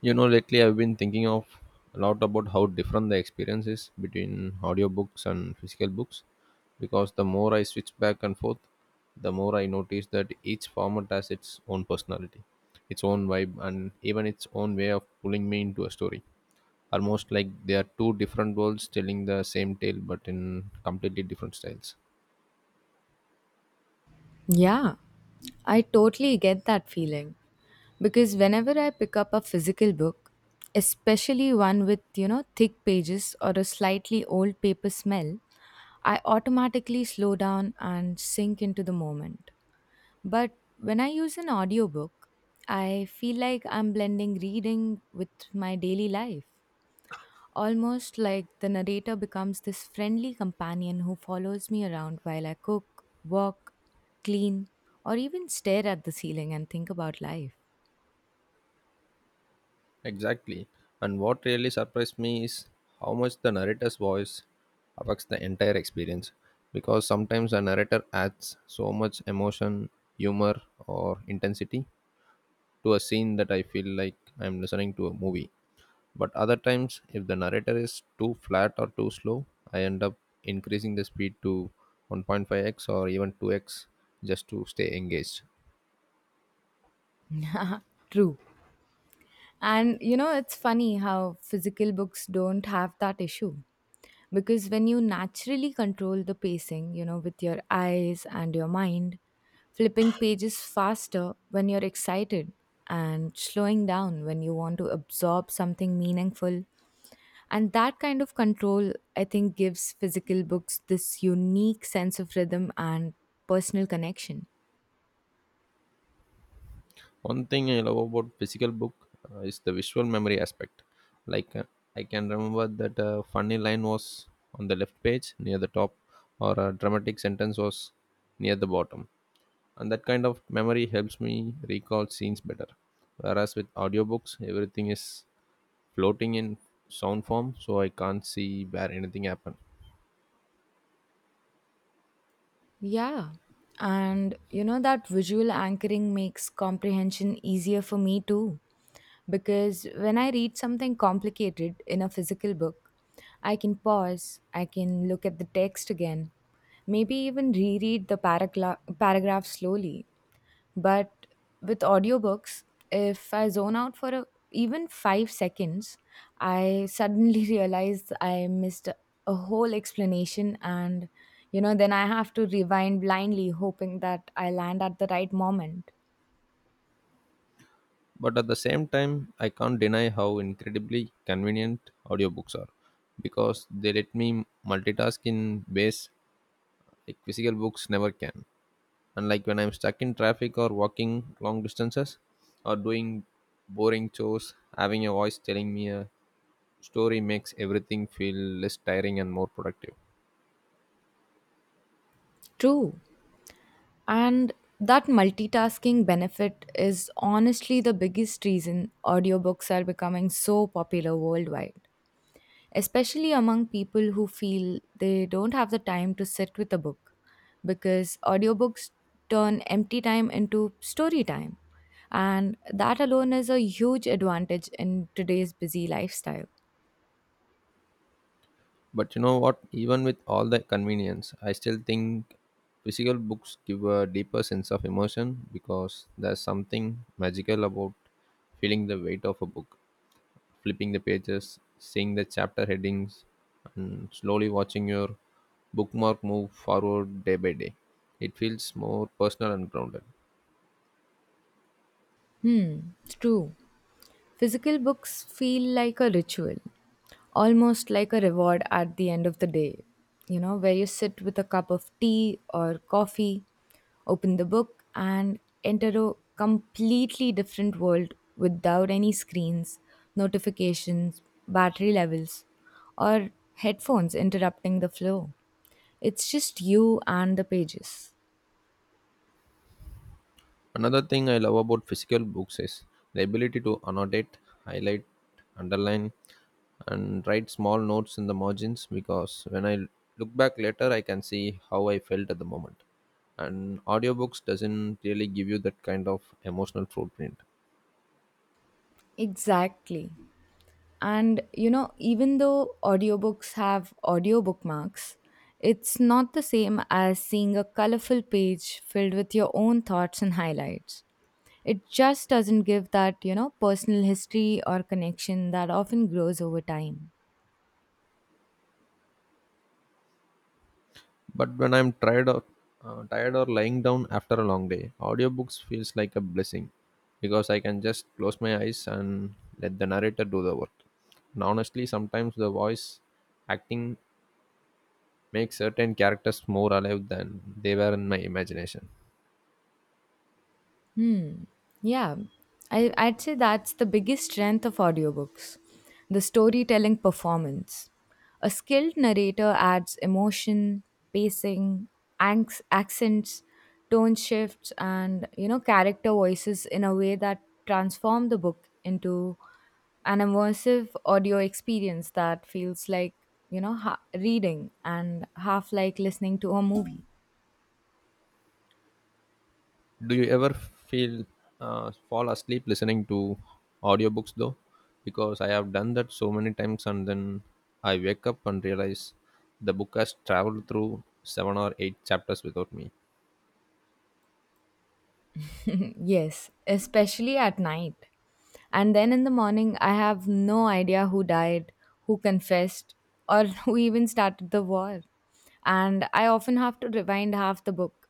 You know, lately I've been thinking of a lot about how different the experience is between audiobooks and physical books because the more I switch back and forth, the more I notice that each format has its own personality, its own vibe, and even its own way of pulling me into a story. Almost like they are two different worlds telling the same tale but in completely different styles. Yeah, I totally get that feeling because whenever I pick up a physical book, especially one with, thick pages or a slightly old paper smell, I automatically slow down and sink into the moment. But when I use an audiobook, I feel like I'm blending reading with my daily life. Almost like the narrator becomes this friendly companion who follows me around while I cook, walk, clean, or even stare at the ceiling and think about life. Exactly. And what really surprised me is how much the narrator's voice affects the entire experience. Because sometimes a narrator adds so much emotion, humor, or intensity to a scene that I feel like I'm listening to a movie. But other times, if the narrator is too flat or too slow, I end up increasing the speed to 1.5x or even 2x just to stay engaged. True. And you know, it's funny how physical books don't have that issue. Because when you naturally control the pacing, you know, with your eyes and your mind, flipping pages faster when you're excited and slowing down when you want to absorb something meaningful. And that kind of control, I think, gives physical books this unique sense of rhythm and personal connection. One thing I love about physical book is the visual memory aspect. Like I can remember that a funny line was on the left page near the top, or a dramatic sentence was near the bottom, and that kind of memory helps me recall scenes better. Whereas with audiobooks, everything is floating in sound form, so I can't see where anything happened. Yeah. And you know, that visual anchoring makes comprehension easier for me too. Because when I read something complicated in a physical book, I can pause, I can look at the text again, maybe even reread the paragraph slowly. But with audiobooks, if I zone out for even 5 seconds, I suddenly realize I missed a whole explanation. Then I have to rewind blindly, hoping that I land at the right moment. But at the same time, I can't deny how incredibly convenient audiobooks are because they let me multitask in ways like physical books never can. Unlike when I'm stuck in traffic or walking long distances or doing boring chores, having a voice telling me a story makes everything feel less tiring and more productive. True. And that multitasking benefit is honestly the biggest reason audiobooks are becoming so popular worldwide, especially among people who feel they don't have the time to sit with a book because audiobooks turn empty time into story time. And that alone is a huge advantage in today's busy lifestyle. But you know what? Even with all the convenience, I still think physical books give a deeper sense of emotion because there's something magical about feeling the weight of a book, flipping the pages, seeing the chapter headings, and slowly watching your bookmark move forward day by day. It feels more personal and grounded. It's true. Physical books feel like a ritual, almost like a reward at the end of the day, you know, where you sit with a cup of tea or coffee, open the book, and enter a completely different world without any screens, notifications, battery levels, or headphones interrupting the flow. It's just you and the pages. Another thing I love about physical books is the ability to annotate, highlight, underline, and write small notes in the margins because when I look back later, I can see how I felt at the moment. And audiobooks doesn't really give you that kind of emotional footprint. Exactly. And even though audiobooks have audio bookmarks, it's not the same as seeing a colorful page filled with your own thoughts and highlights. It just doesn't give that, you know, personal history or connection that often grows over time. But when I'm tired or lying down after a long day, audiobooks feels like a blessing because I can just close my eyes and let the narrator do the work. And honestly, sometimes the voice acting make certain characters more alive than they were in my imagination. Hmm. Yeah. I'd say that's the biggest strength of audiobooks, the storytelling performance. A skilled narrator adds emotion, pacing, accents, tone shifts, and you know, character voices in a way that transform the book into an immersive audio experience that feels like, you know, reading and half like listening to a movie. Do you ever feel fall asleep listening to audiobooks though? Because I have done that so many times and then I wake up and realize the book has traveled through seven or eight chapters without me. Yes, especially at night. And then in the morning, I have no idea who died, who confessed, or who even started the war. And I often have to rewind half the book.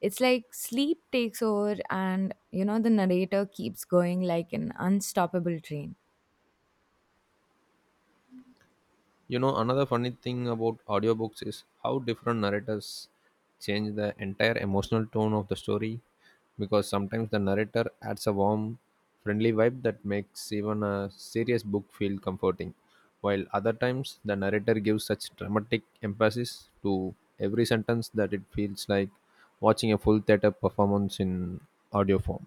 It's like sleep takes over, and you know, the narrator keeps going like an unstoppable train. You know, another funny thing about audiobooks is how different narrators change the entire emotional tone of the story because sometimes the narrator adds a warm, friendly vibe that makes even a serious book feel comforting, while other times the narrator gives such dramatic emphasis to every sentence that it feels like watching a full theater performance in audio form.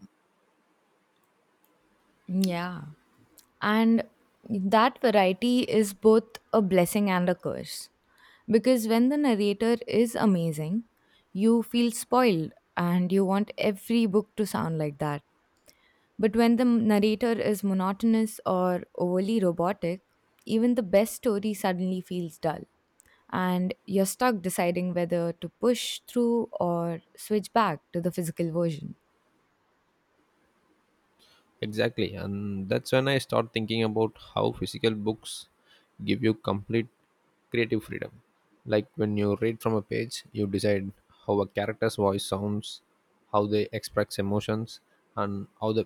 Yeah. And that variety is both a blessing and a curse. Because when the narrator is amazing, you feel spoiled and you want every book to sound like that. But when the narrator is monotonous or overly robotic, even the best story suddenly feels dull. And you're stuck deciding whether to push through or switch back to the physical version. Exactly, and that's when I start thinking about how physical books give you complete creative freedom. Like when you read from a page, you decide how a character's voice sounds, how they express emotions, and how the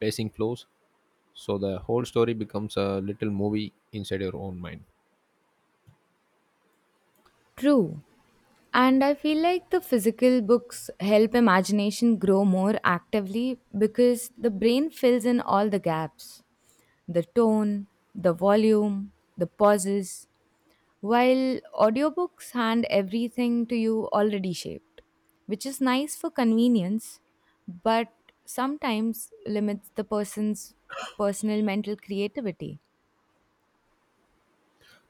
pacing flows. So the whole story becomes a little movie inside your own mind. True. And I feel like the physical books help imagination grow more actively because the brain fills in all the gaps, the tone, the volume, the pauses, while audiobooks hand everything to you already shaped, which is nice for convenience but sometimes limits the person's personal mental creativity.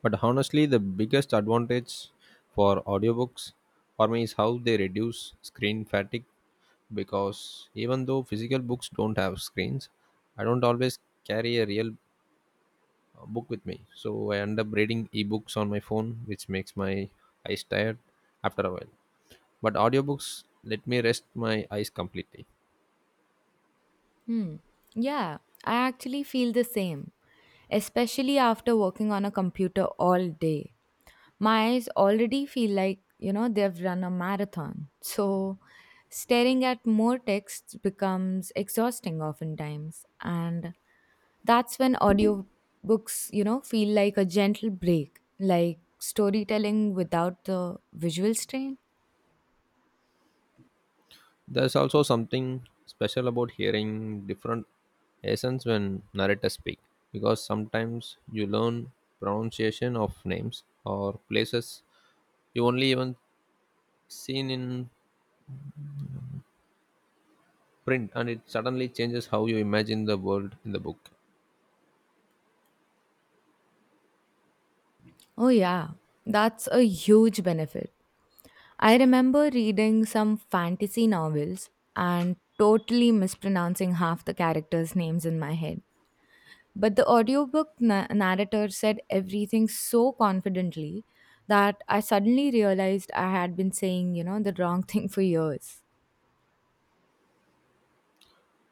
But honestly, the biggest advantage for audiobooks for me is how they reduce screen fatigue because even though physical books don't have screens, I don't always carry a real book with me. So I end up reading ebooks on my phone, which makes my eyes tired after a while. But audiobooks let me rest my eyes completely. Hmm. Yeah, I actually feel the same, especially after working on a computer all day. My eyes already feel like, you know, they've run a marathon. So staring at more texts becomes exhausting oftentimes. And that's when audiobooks, you know, feel like a gentle break, like storytelling without the visual strain. There's also something special about hearing different accents when narrators speak, because sometimes you learn pronunciation of names or places you only even seen in print, and it suddenly changes how you imagine the world in the book. Oh, yeah, that's a huge benefit. I remember reading some fantasy novels and totally mispronouncing half the characters' names in my head. But the audiobook narrator said everything so confidently that I suddenly realized I had been saying, you know, the wrong thing for years.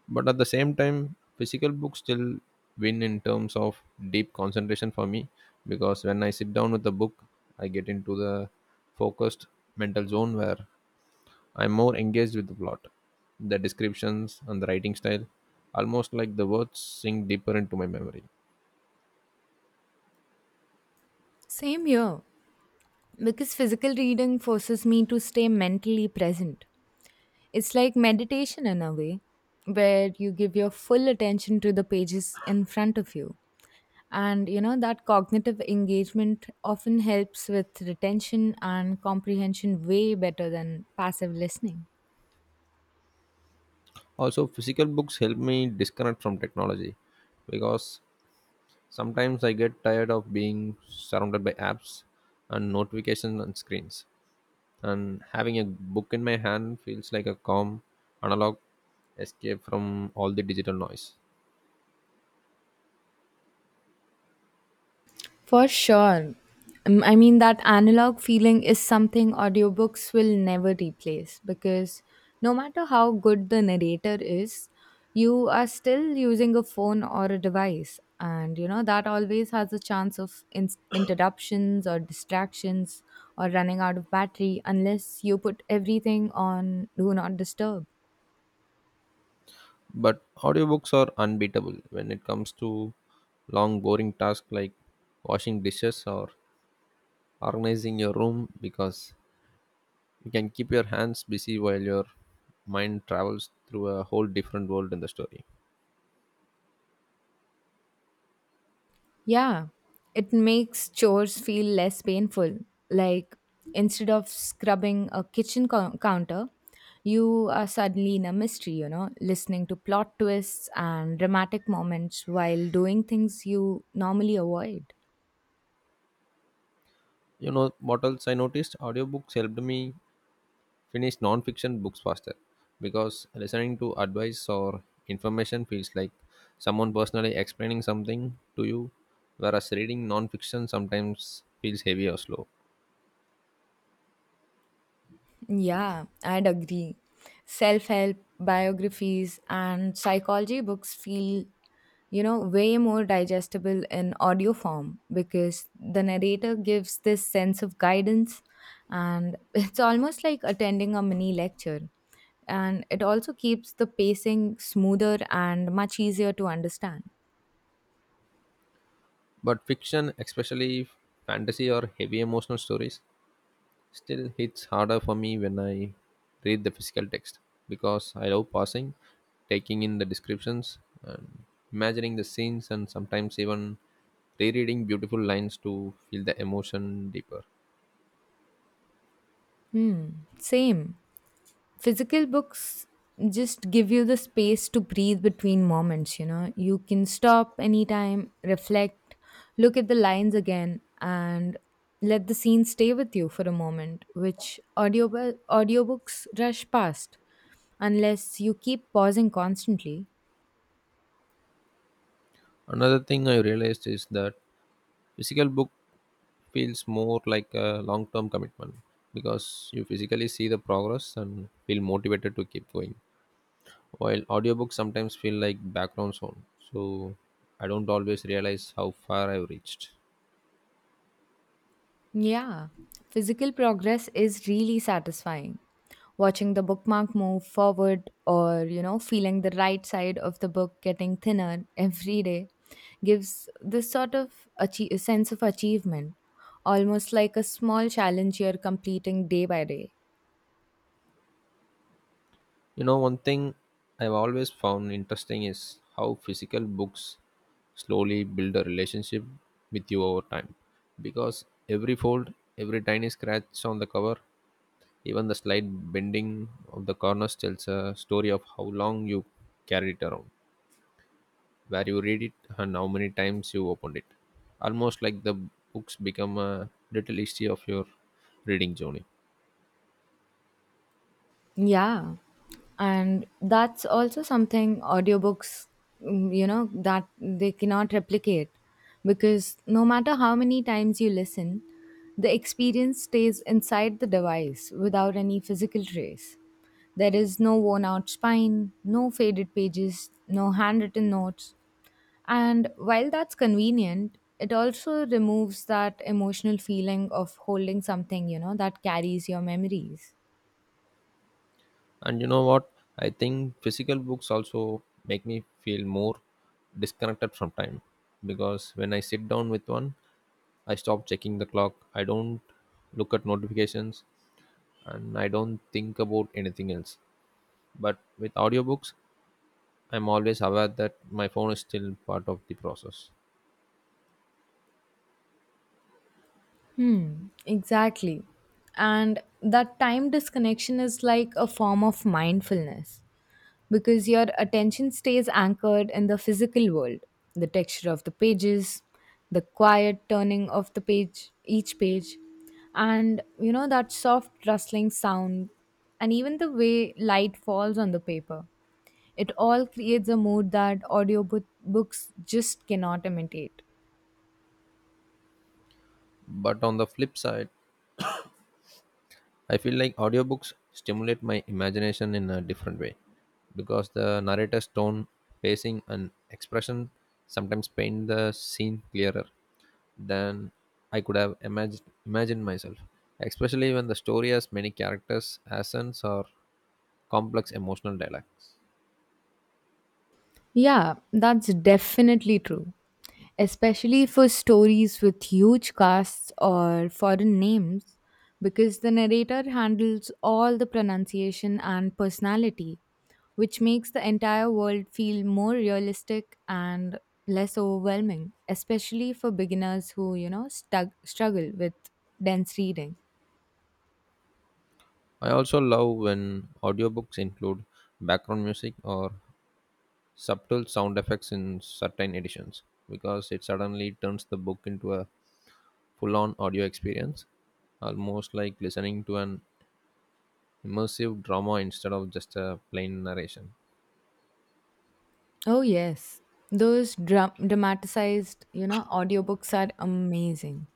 But at the same time, physical books still win in terms of deep concentration for me, because when I sit down with a book, I get into the focused mental zone where I'm more engaged with the plot, the descriptions, and the writing style, almost like the words sink deeper into my memory. Same here, because physical reading forces me to stay mentally present. It's like meditation in a way, where you give your full attention to the pages in front of you. And you know, that cognitive engagement often helps with retention and comprehension way better than passive listening. Also, physical books help me disconnect from technology because sometimes I get tired of being surrounded by apps and notifications and screens. And having a book in my hand feels like a calm, analog escape from all the digital noise. For sure. I mean, that analog feeling is something audiobooks will never replace because no matter how good the narrator is, you are still using a phone or a device. And, you know, that always has a chance of interruptions or distractions or running out of battery unless you put everything on Do Not Disturb. But audiobooks are unbeatable when it comes to long, boring tasks like washing dishes or organizing your room because you can keep your hands busy while your mind travels through a whole different world in the story. Yeah, it makes chores feel less painful. Like instead of scrubbing a kitchen counter, you are suddenly in a mystery, you know, listening to plot twists and dramatic moments while doing things you normally avoid. You know what else I noticed? Audiobooks helped me finish non-fiction books faster because listening to advice or information feels like someone personally explaining something to you, whereas reading non-fiction sometimes feels heavy or slow. Yeah, I'd agree. Self help biographies and psychology books feel, you know, way more digestible in audio form because the narrator gives this sense of guidance, and it's almost like attending a mini lecture. And it also keeps the pacing smoother and much easier to understand. But fiction, especially fantasy or heavy emotional stories, still hits harder for me when I read the physical text because I love pausing, taking in the descriptions, and imagining the scenes, and sometimes even rereading beautiful lines to feel the emotion deeper. Hmm, Same. Physical books just give you the space to breathe between moments. You know, you can stop anytime, reflect, look at the lines again, and let the scene stay with you for a moment, which audiobooks rush past unless you keep pausing constantly. Another thing I realized is that physical book feels more like a long term commitment because you physically see the progress and feel motivated to keep going while audiobooks sometimes feel like background sound so I don't always realize how far I've reached. Yeah, physical progress is really satisfying. Watching the bookmark move forward or, you know, feeling the right side of the book getting thinner every day gives this sort of sense of achievement, almost like a small challenge you're completing day by day. You know, one thing I've always found interesting is how physical books slowly build a relationship with you over time. Because every fold, every tiny scratch on the cover, even the slight bending of the corners tells a story of how long you carried it around, where you read it, and how many times you opened it. Almost like the books become a little history of your reading journey. Yeah. And that's also something audiobooks, you know, that they cannot replicate because no matter how many times you listen, the experience stays inside the device without any physical trace. There is no worn out spine, no faded pages, no handwritten notes. And while that's convenient, it also removes that emotional feeling of holding something, you know, that carries your memories. And you know what? I think physical books also make me feel more disconnected from time because when I sit down with one, I stop checking the clock. I don't look at notifications and I don't think about anything else. But with audiobooks, I'm always aware that my phone is still part of the process. Exactly. And that time disconnection is like a form of mindfulness because your attention stays anchored in the physical world, the texture of the pages, the quiet turning of the page, each page, and you know, that soft rustling sound, and even the way light falls on the paper. It all creates a mood that audiobooks just cannot imitate. But on the flip side, I feel like audiobooks stimulate my imagination in a different way because the narrator's tone, pacing, and expression sometimes paint the scene clearer than I could have imagined myself, especially when the story has many characters, accents, or complex emotional dialects. Yeah, that's definitely true. Especially for stories with huge casts or foreign names, because the narrator handles all the pronunciation and personality, which makes the entire world feel more realistic and less overwhelming, especially for beginners who, you know, struggle with dense reading. I also love when audiobooks include background music or subtle sound effects in certain editions because it suddenly turns the book into a full-on audio experience, almost like listening to an immersive drama instead of just a plain narration. Oh, yes. Those dramatized, you know, audiobooks are amazing.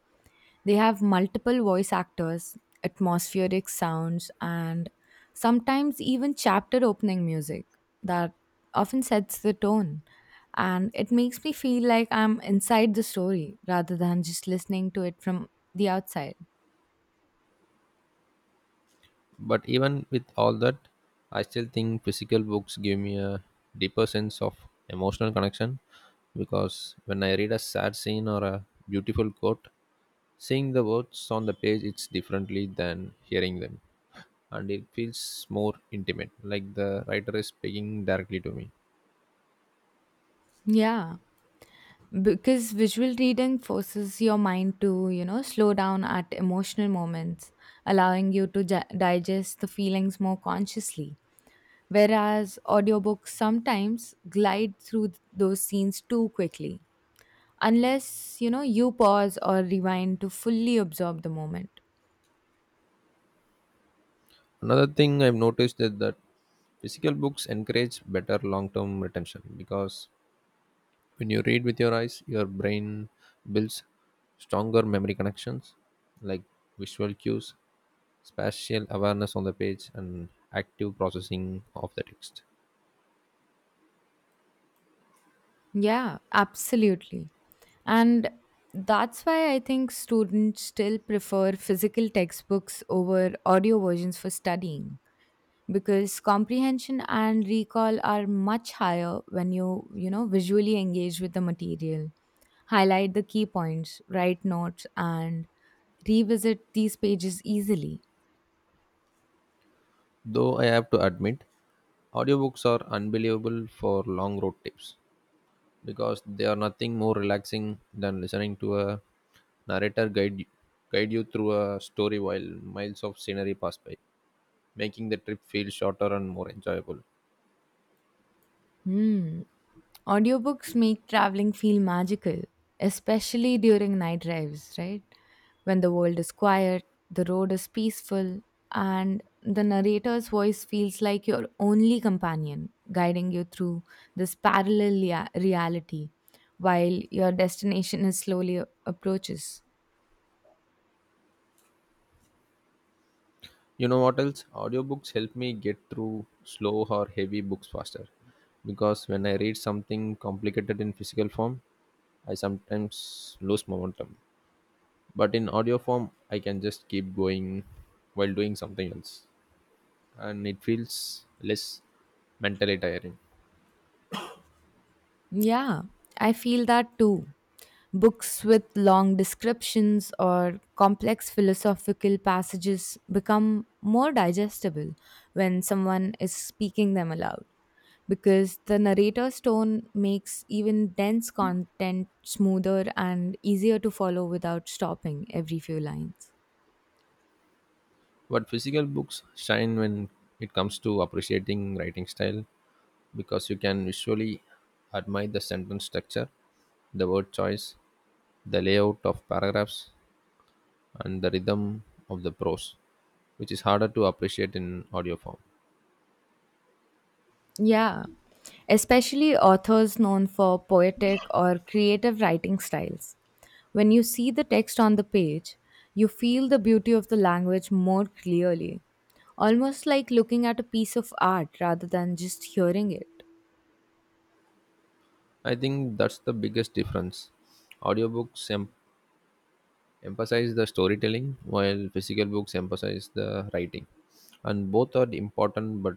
They have multiple voice actors, atmospheric sounds, and sometimes even chapter opening music that often sets the tone. And it makes me feel like I'm inside the story rather than just listening to it from the outside. But even with all that, I still think physical books give me a deeper sense of emotional connection because when I read a sad scene or a beautiful quote, seeing the words on the page it's differently than hearing them, and it feels more intimate, like the writer is speaking directly to me. Yeah, because visual reading forces your mind to, you know, slow down at emotional moments, allowing you to digest the feelings more consciously, whereas audiobooks sometimes glide through those scenes too quickly unless, you know, you pause or rewind to fully absorb the moment. Another thing I've noticed is that physical books encourage better long term retention because when you read with your eyes, your brain builds stronger memory connections like visual cues, spatial awareness on the page, and active processing of the text. Yeah, absolutely. And that's why I think students still prefer physical textbooks over audio versions for studying, because comprehension and recall are much higher when you know visually engage with the material, highlight the key points, write notes, and revisit these pages easily. Though I have to admit, audiobooks are unbelievable for long road trips because they are nothing more relaxing than listening to a narrator guide you through a story while miles of scenery pass by, making the trip feel shorter and more enjoyable. hmm Audiobooks make traveling feel magical, especially during night drives, right? When the world is quiet, the road is peaceful, and the narrator's voice feels like your only companion, guiding you through this parallel reality while your destination is slowly approaches. You know what else? Audiobooks help me get through slow or heavy books faster because when I read something complicated in physical form, I sometimes lose momentum. But in audio form, I can just keep going while doing something else, and it feels less mentally tiring. Yeah, I feel that too. Books with long descriptions or complex philosophical passages become more digestible when someone is speaking them aloud, because the narrator's tone makes even dense content smoother and easier to follow without stopping every few lines. But physical books shine when it comes to appreciating writing style because you can visually admire the sentence structure, the word choice, the layout of paragraphs, and the rhythm of the prose, which is harder to appreciate in audio form. Yeah, especially authors known for poetic or creative writing styles. When you see the text on the page, you feel the beauty of the language more clearly, almost like looking at a piece of art rather than just hearing it. I think that's the biggest difference. Audiobooks emphasize the storytelling, while physical books emphasize the writing. And both are important, but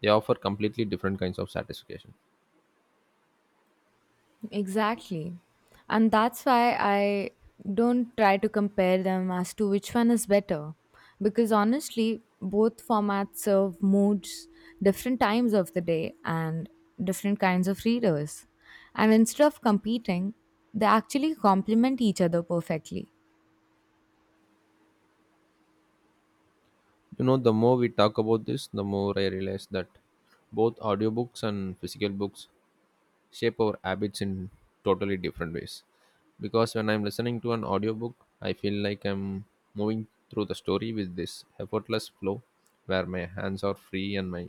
they offer completely different kinds of satisfaction. Exactly. And that's why I don't try to compare them as to which one is better. Because honestly, both formats serve moods, different times of the day, and different kinds of readers. And instead of competing, they actually complement each other perfectly. You know, the more we talk about this, the more I realize that both audiobooks and physical books shape our habits in totally different ways. Because when I'm listening to an audiobook, I feel like I'm moving through the story with this effortless flow where my hands are free and my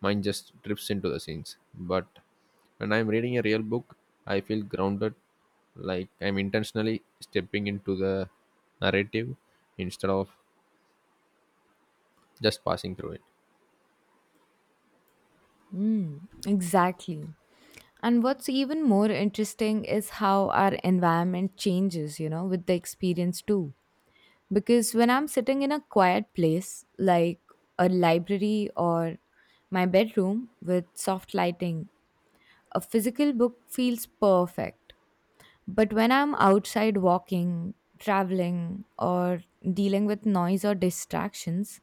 mind just drifts into the scenes. But when I'm reading a real book, I feel grounded, like I'm intentionally stepping into the narrative instead of just passing through it. Mm, exactly. And what's even more interesting is how our environment changes, you know, with the experience too. Because when I'm sitting in a quiet place, like a library or my bedroom with soft lighting, a physical book feels perfect. But when I'm outside walking, traveling, or dealing with noise or distractions,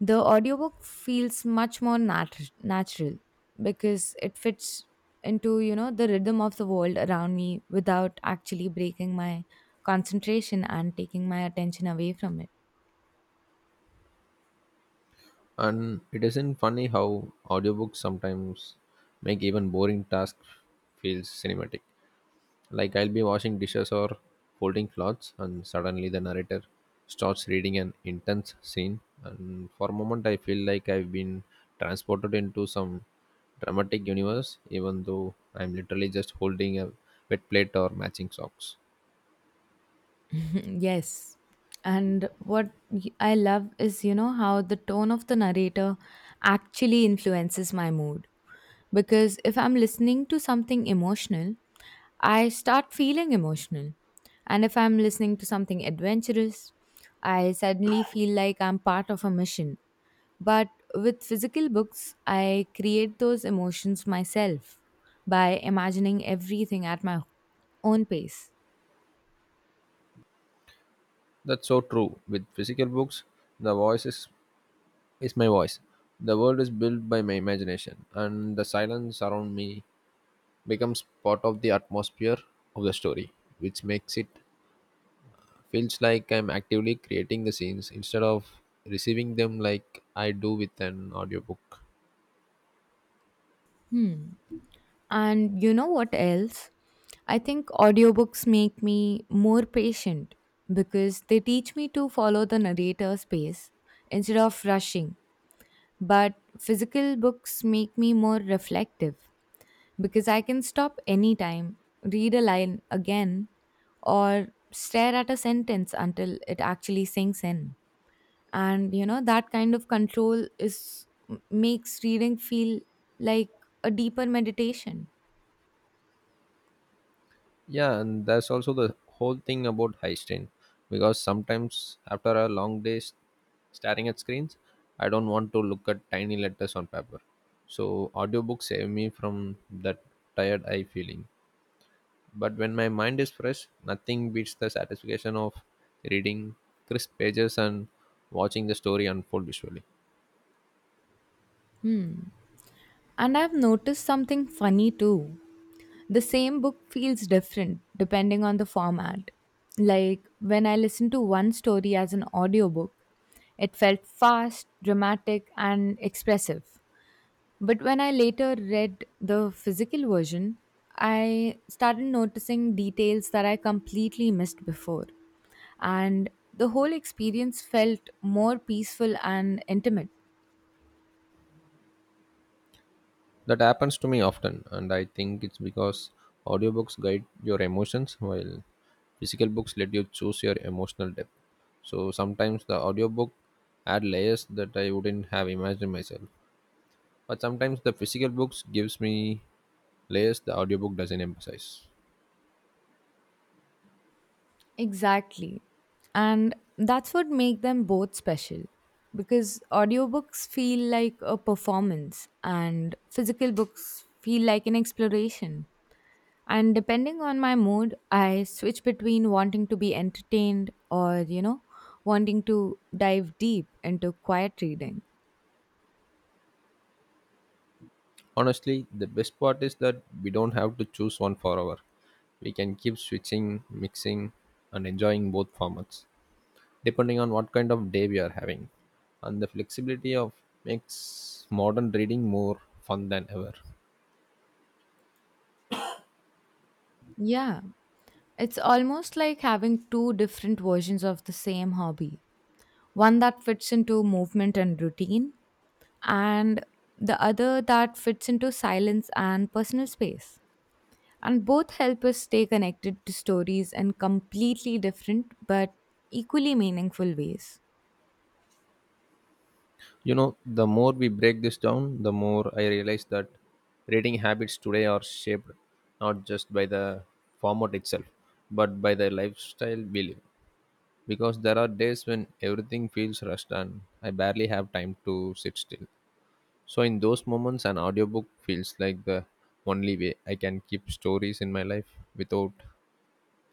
the audiobook feels much more natural because it fits into, you know, the rhythm of the world around me without actually breaking my concentration and taking my attention away from it. And it isn't funny how audiobooks sometimes make even boring tasks feel cinematic. Like I'll be washing dishes or folding clothes and suddenly the narrator starts reading an intense scene and for a moment I feel like I've been transported into some dramatic universe even though I'm literally just holding a wet plate or matching socks. Yes. And what I love is, you know, how the tone of the narrator actually influences my mood. Because if I'm listening to something emotional, I start feeling emotional. And if I'm listening to something adventurous, I suddenly feel like I'm part of a mission. But with physical books, I create those emotions myself by imagining everything at my own pace. That's so true. With physical books, the voice is my voice. The world is built by my imagination, and the silence around me becomes part of the atmosphere of the story, which makes it feels like I'm actively creating the scenes instead of receiving them like I do with an audiobook. And you know what else? I think audiobooks make me more patient because they teach me to follow the narrator's pace instead of rushing. But physical books make me more reflective because I can stop anytime, read a line again, or stare at a sentence until it actually sinks in. And you know, that kind of control is makes reading feel like a deeper meditation. Yeah, and that's also the whole thing about high strain because sometimes after a long day staring at screens, I don't want to look at tiny letters on paper. So audiobooks save me from that tired eye feeling. But when my mind is fresh, nothing beats the satisfaction of reading crisp pages and watching the story unfold visually. Hmm. And I've noticed something funny too. The same book feels different depending on the format. Like when I listened to one story as an audiobook, it felt fast, dramatic, and expressive. But when I later read the physical version, I started noticing details that I completely missed before. And the whole experience felt more peaceful and intimate. That happens to me often, and I think it's because audiobooks guide your emotions while physical books let you choose your emotional depth. So sometimes the audiobook add layers that I wouldn't have imagined myself. But sometimes the physical books gives me layers the audiobook doesn't emphasize. Exactly. And that's what make them both special because audiobooks feel like a performance and physical books feel like an exploration. And depending on my mood, I switch between wanting to be entertained or, you know, wanting to dive deep into quiet reading. Honestly, the best part is that we don't have to choose one forever. We can keep switching, mixing, and enjoying both formats, depending on what kind of day we are having. And the flexibility of makes modern reading more fun than ever. Yeah. It's almost like having two different versions of the same hobby, one that fits into movement and routine, and the other that fits into silence and personal space. And both help us stay connected to stories in completely different but equally meaningful ways. You know, the more we break this down, the more I realize that reading habits today are shaped not just by the format itself, but by the lifestyle we live. Because there are days when everything feels rushed and I barely have time to sit still. So in those moments an audiobook feels like the only way I can keep stories in my life without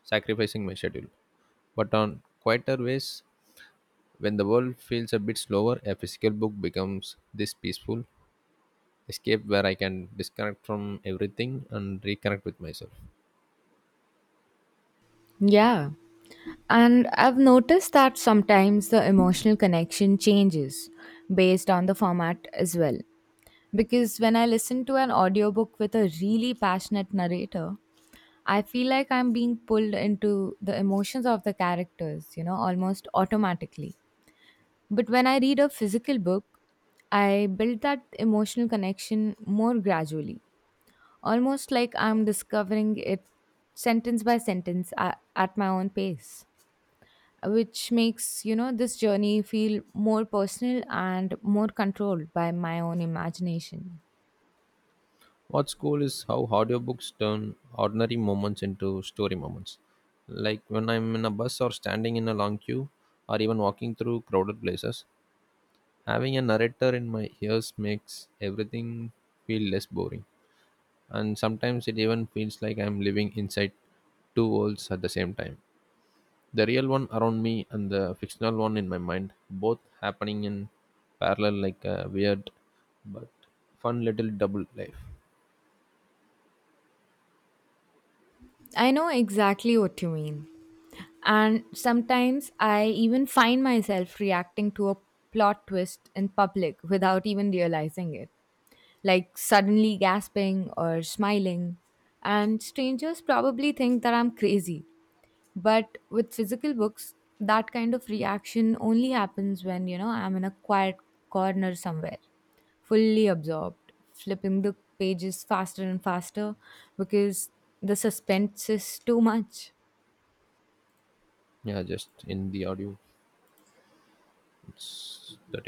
sacrificing my schedule. But on quieter ways, when the world feels a bit slower, a physical book becomes this peaceful escape where I can disconnect from everything and reconnect with myself. Yeah. And I've noticed that sometimes the emotional connection changes based on the format as well. Because when I listen to an audiobook with a really passionate narrator, I feel like I'm being pulled into the emotions of the characters, you know, almost automatically. But when I read a physical book, I build that emotional connection more gradually, almost like I'm discovering it sentence by sentence at my own pace, which makes, you know, this journey feel more personal and more controlled by my own imagination. What's cool is how audiobooks turn ordinary moments into story moments. Like when I'm in a bus or standing in a long queue or even walking through crowded places, having a narrator in my ears makes everything feel less boring. And sometimes it even feels like I'm living inside two worlds at the same time. The real one around me and the fictional one in my mind, both happening in parallel like a weird but fun little double life. I know exactly what you mean. And sometimes I even find myself reacting to a plot twist in public without even realizing it, like suddenly gasping or smiling. And strangers probably think that I'm crazy. But with physical books, that kind of reaction only happens when, you know, I'm in a quiet corner somewhere, fully absorbed, flipping the pages faster and faster because the suspense is too much. Yeah, just in the audio. That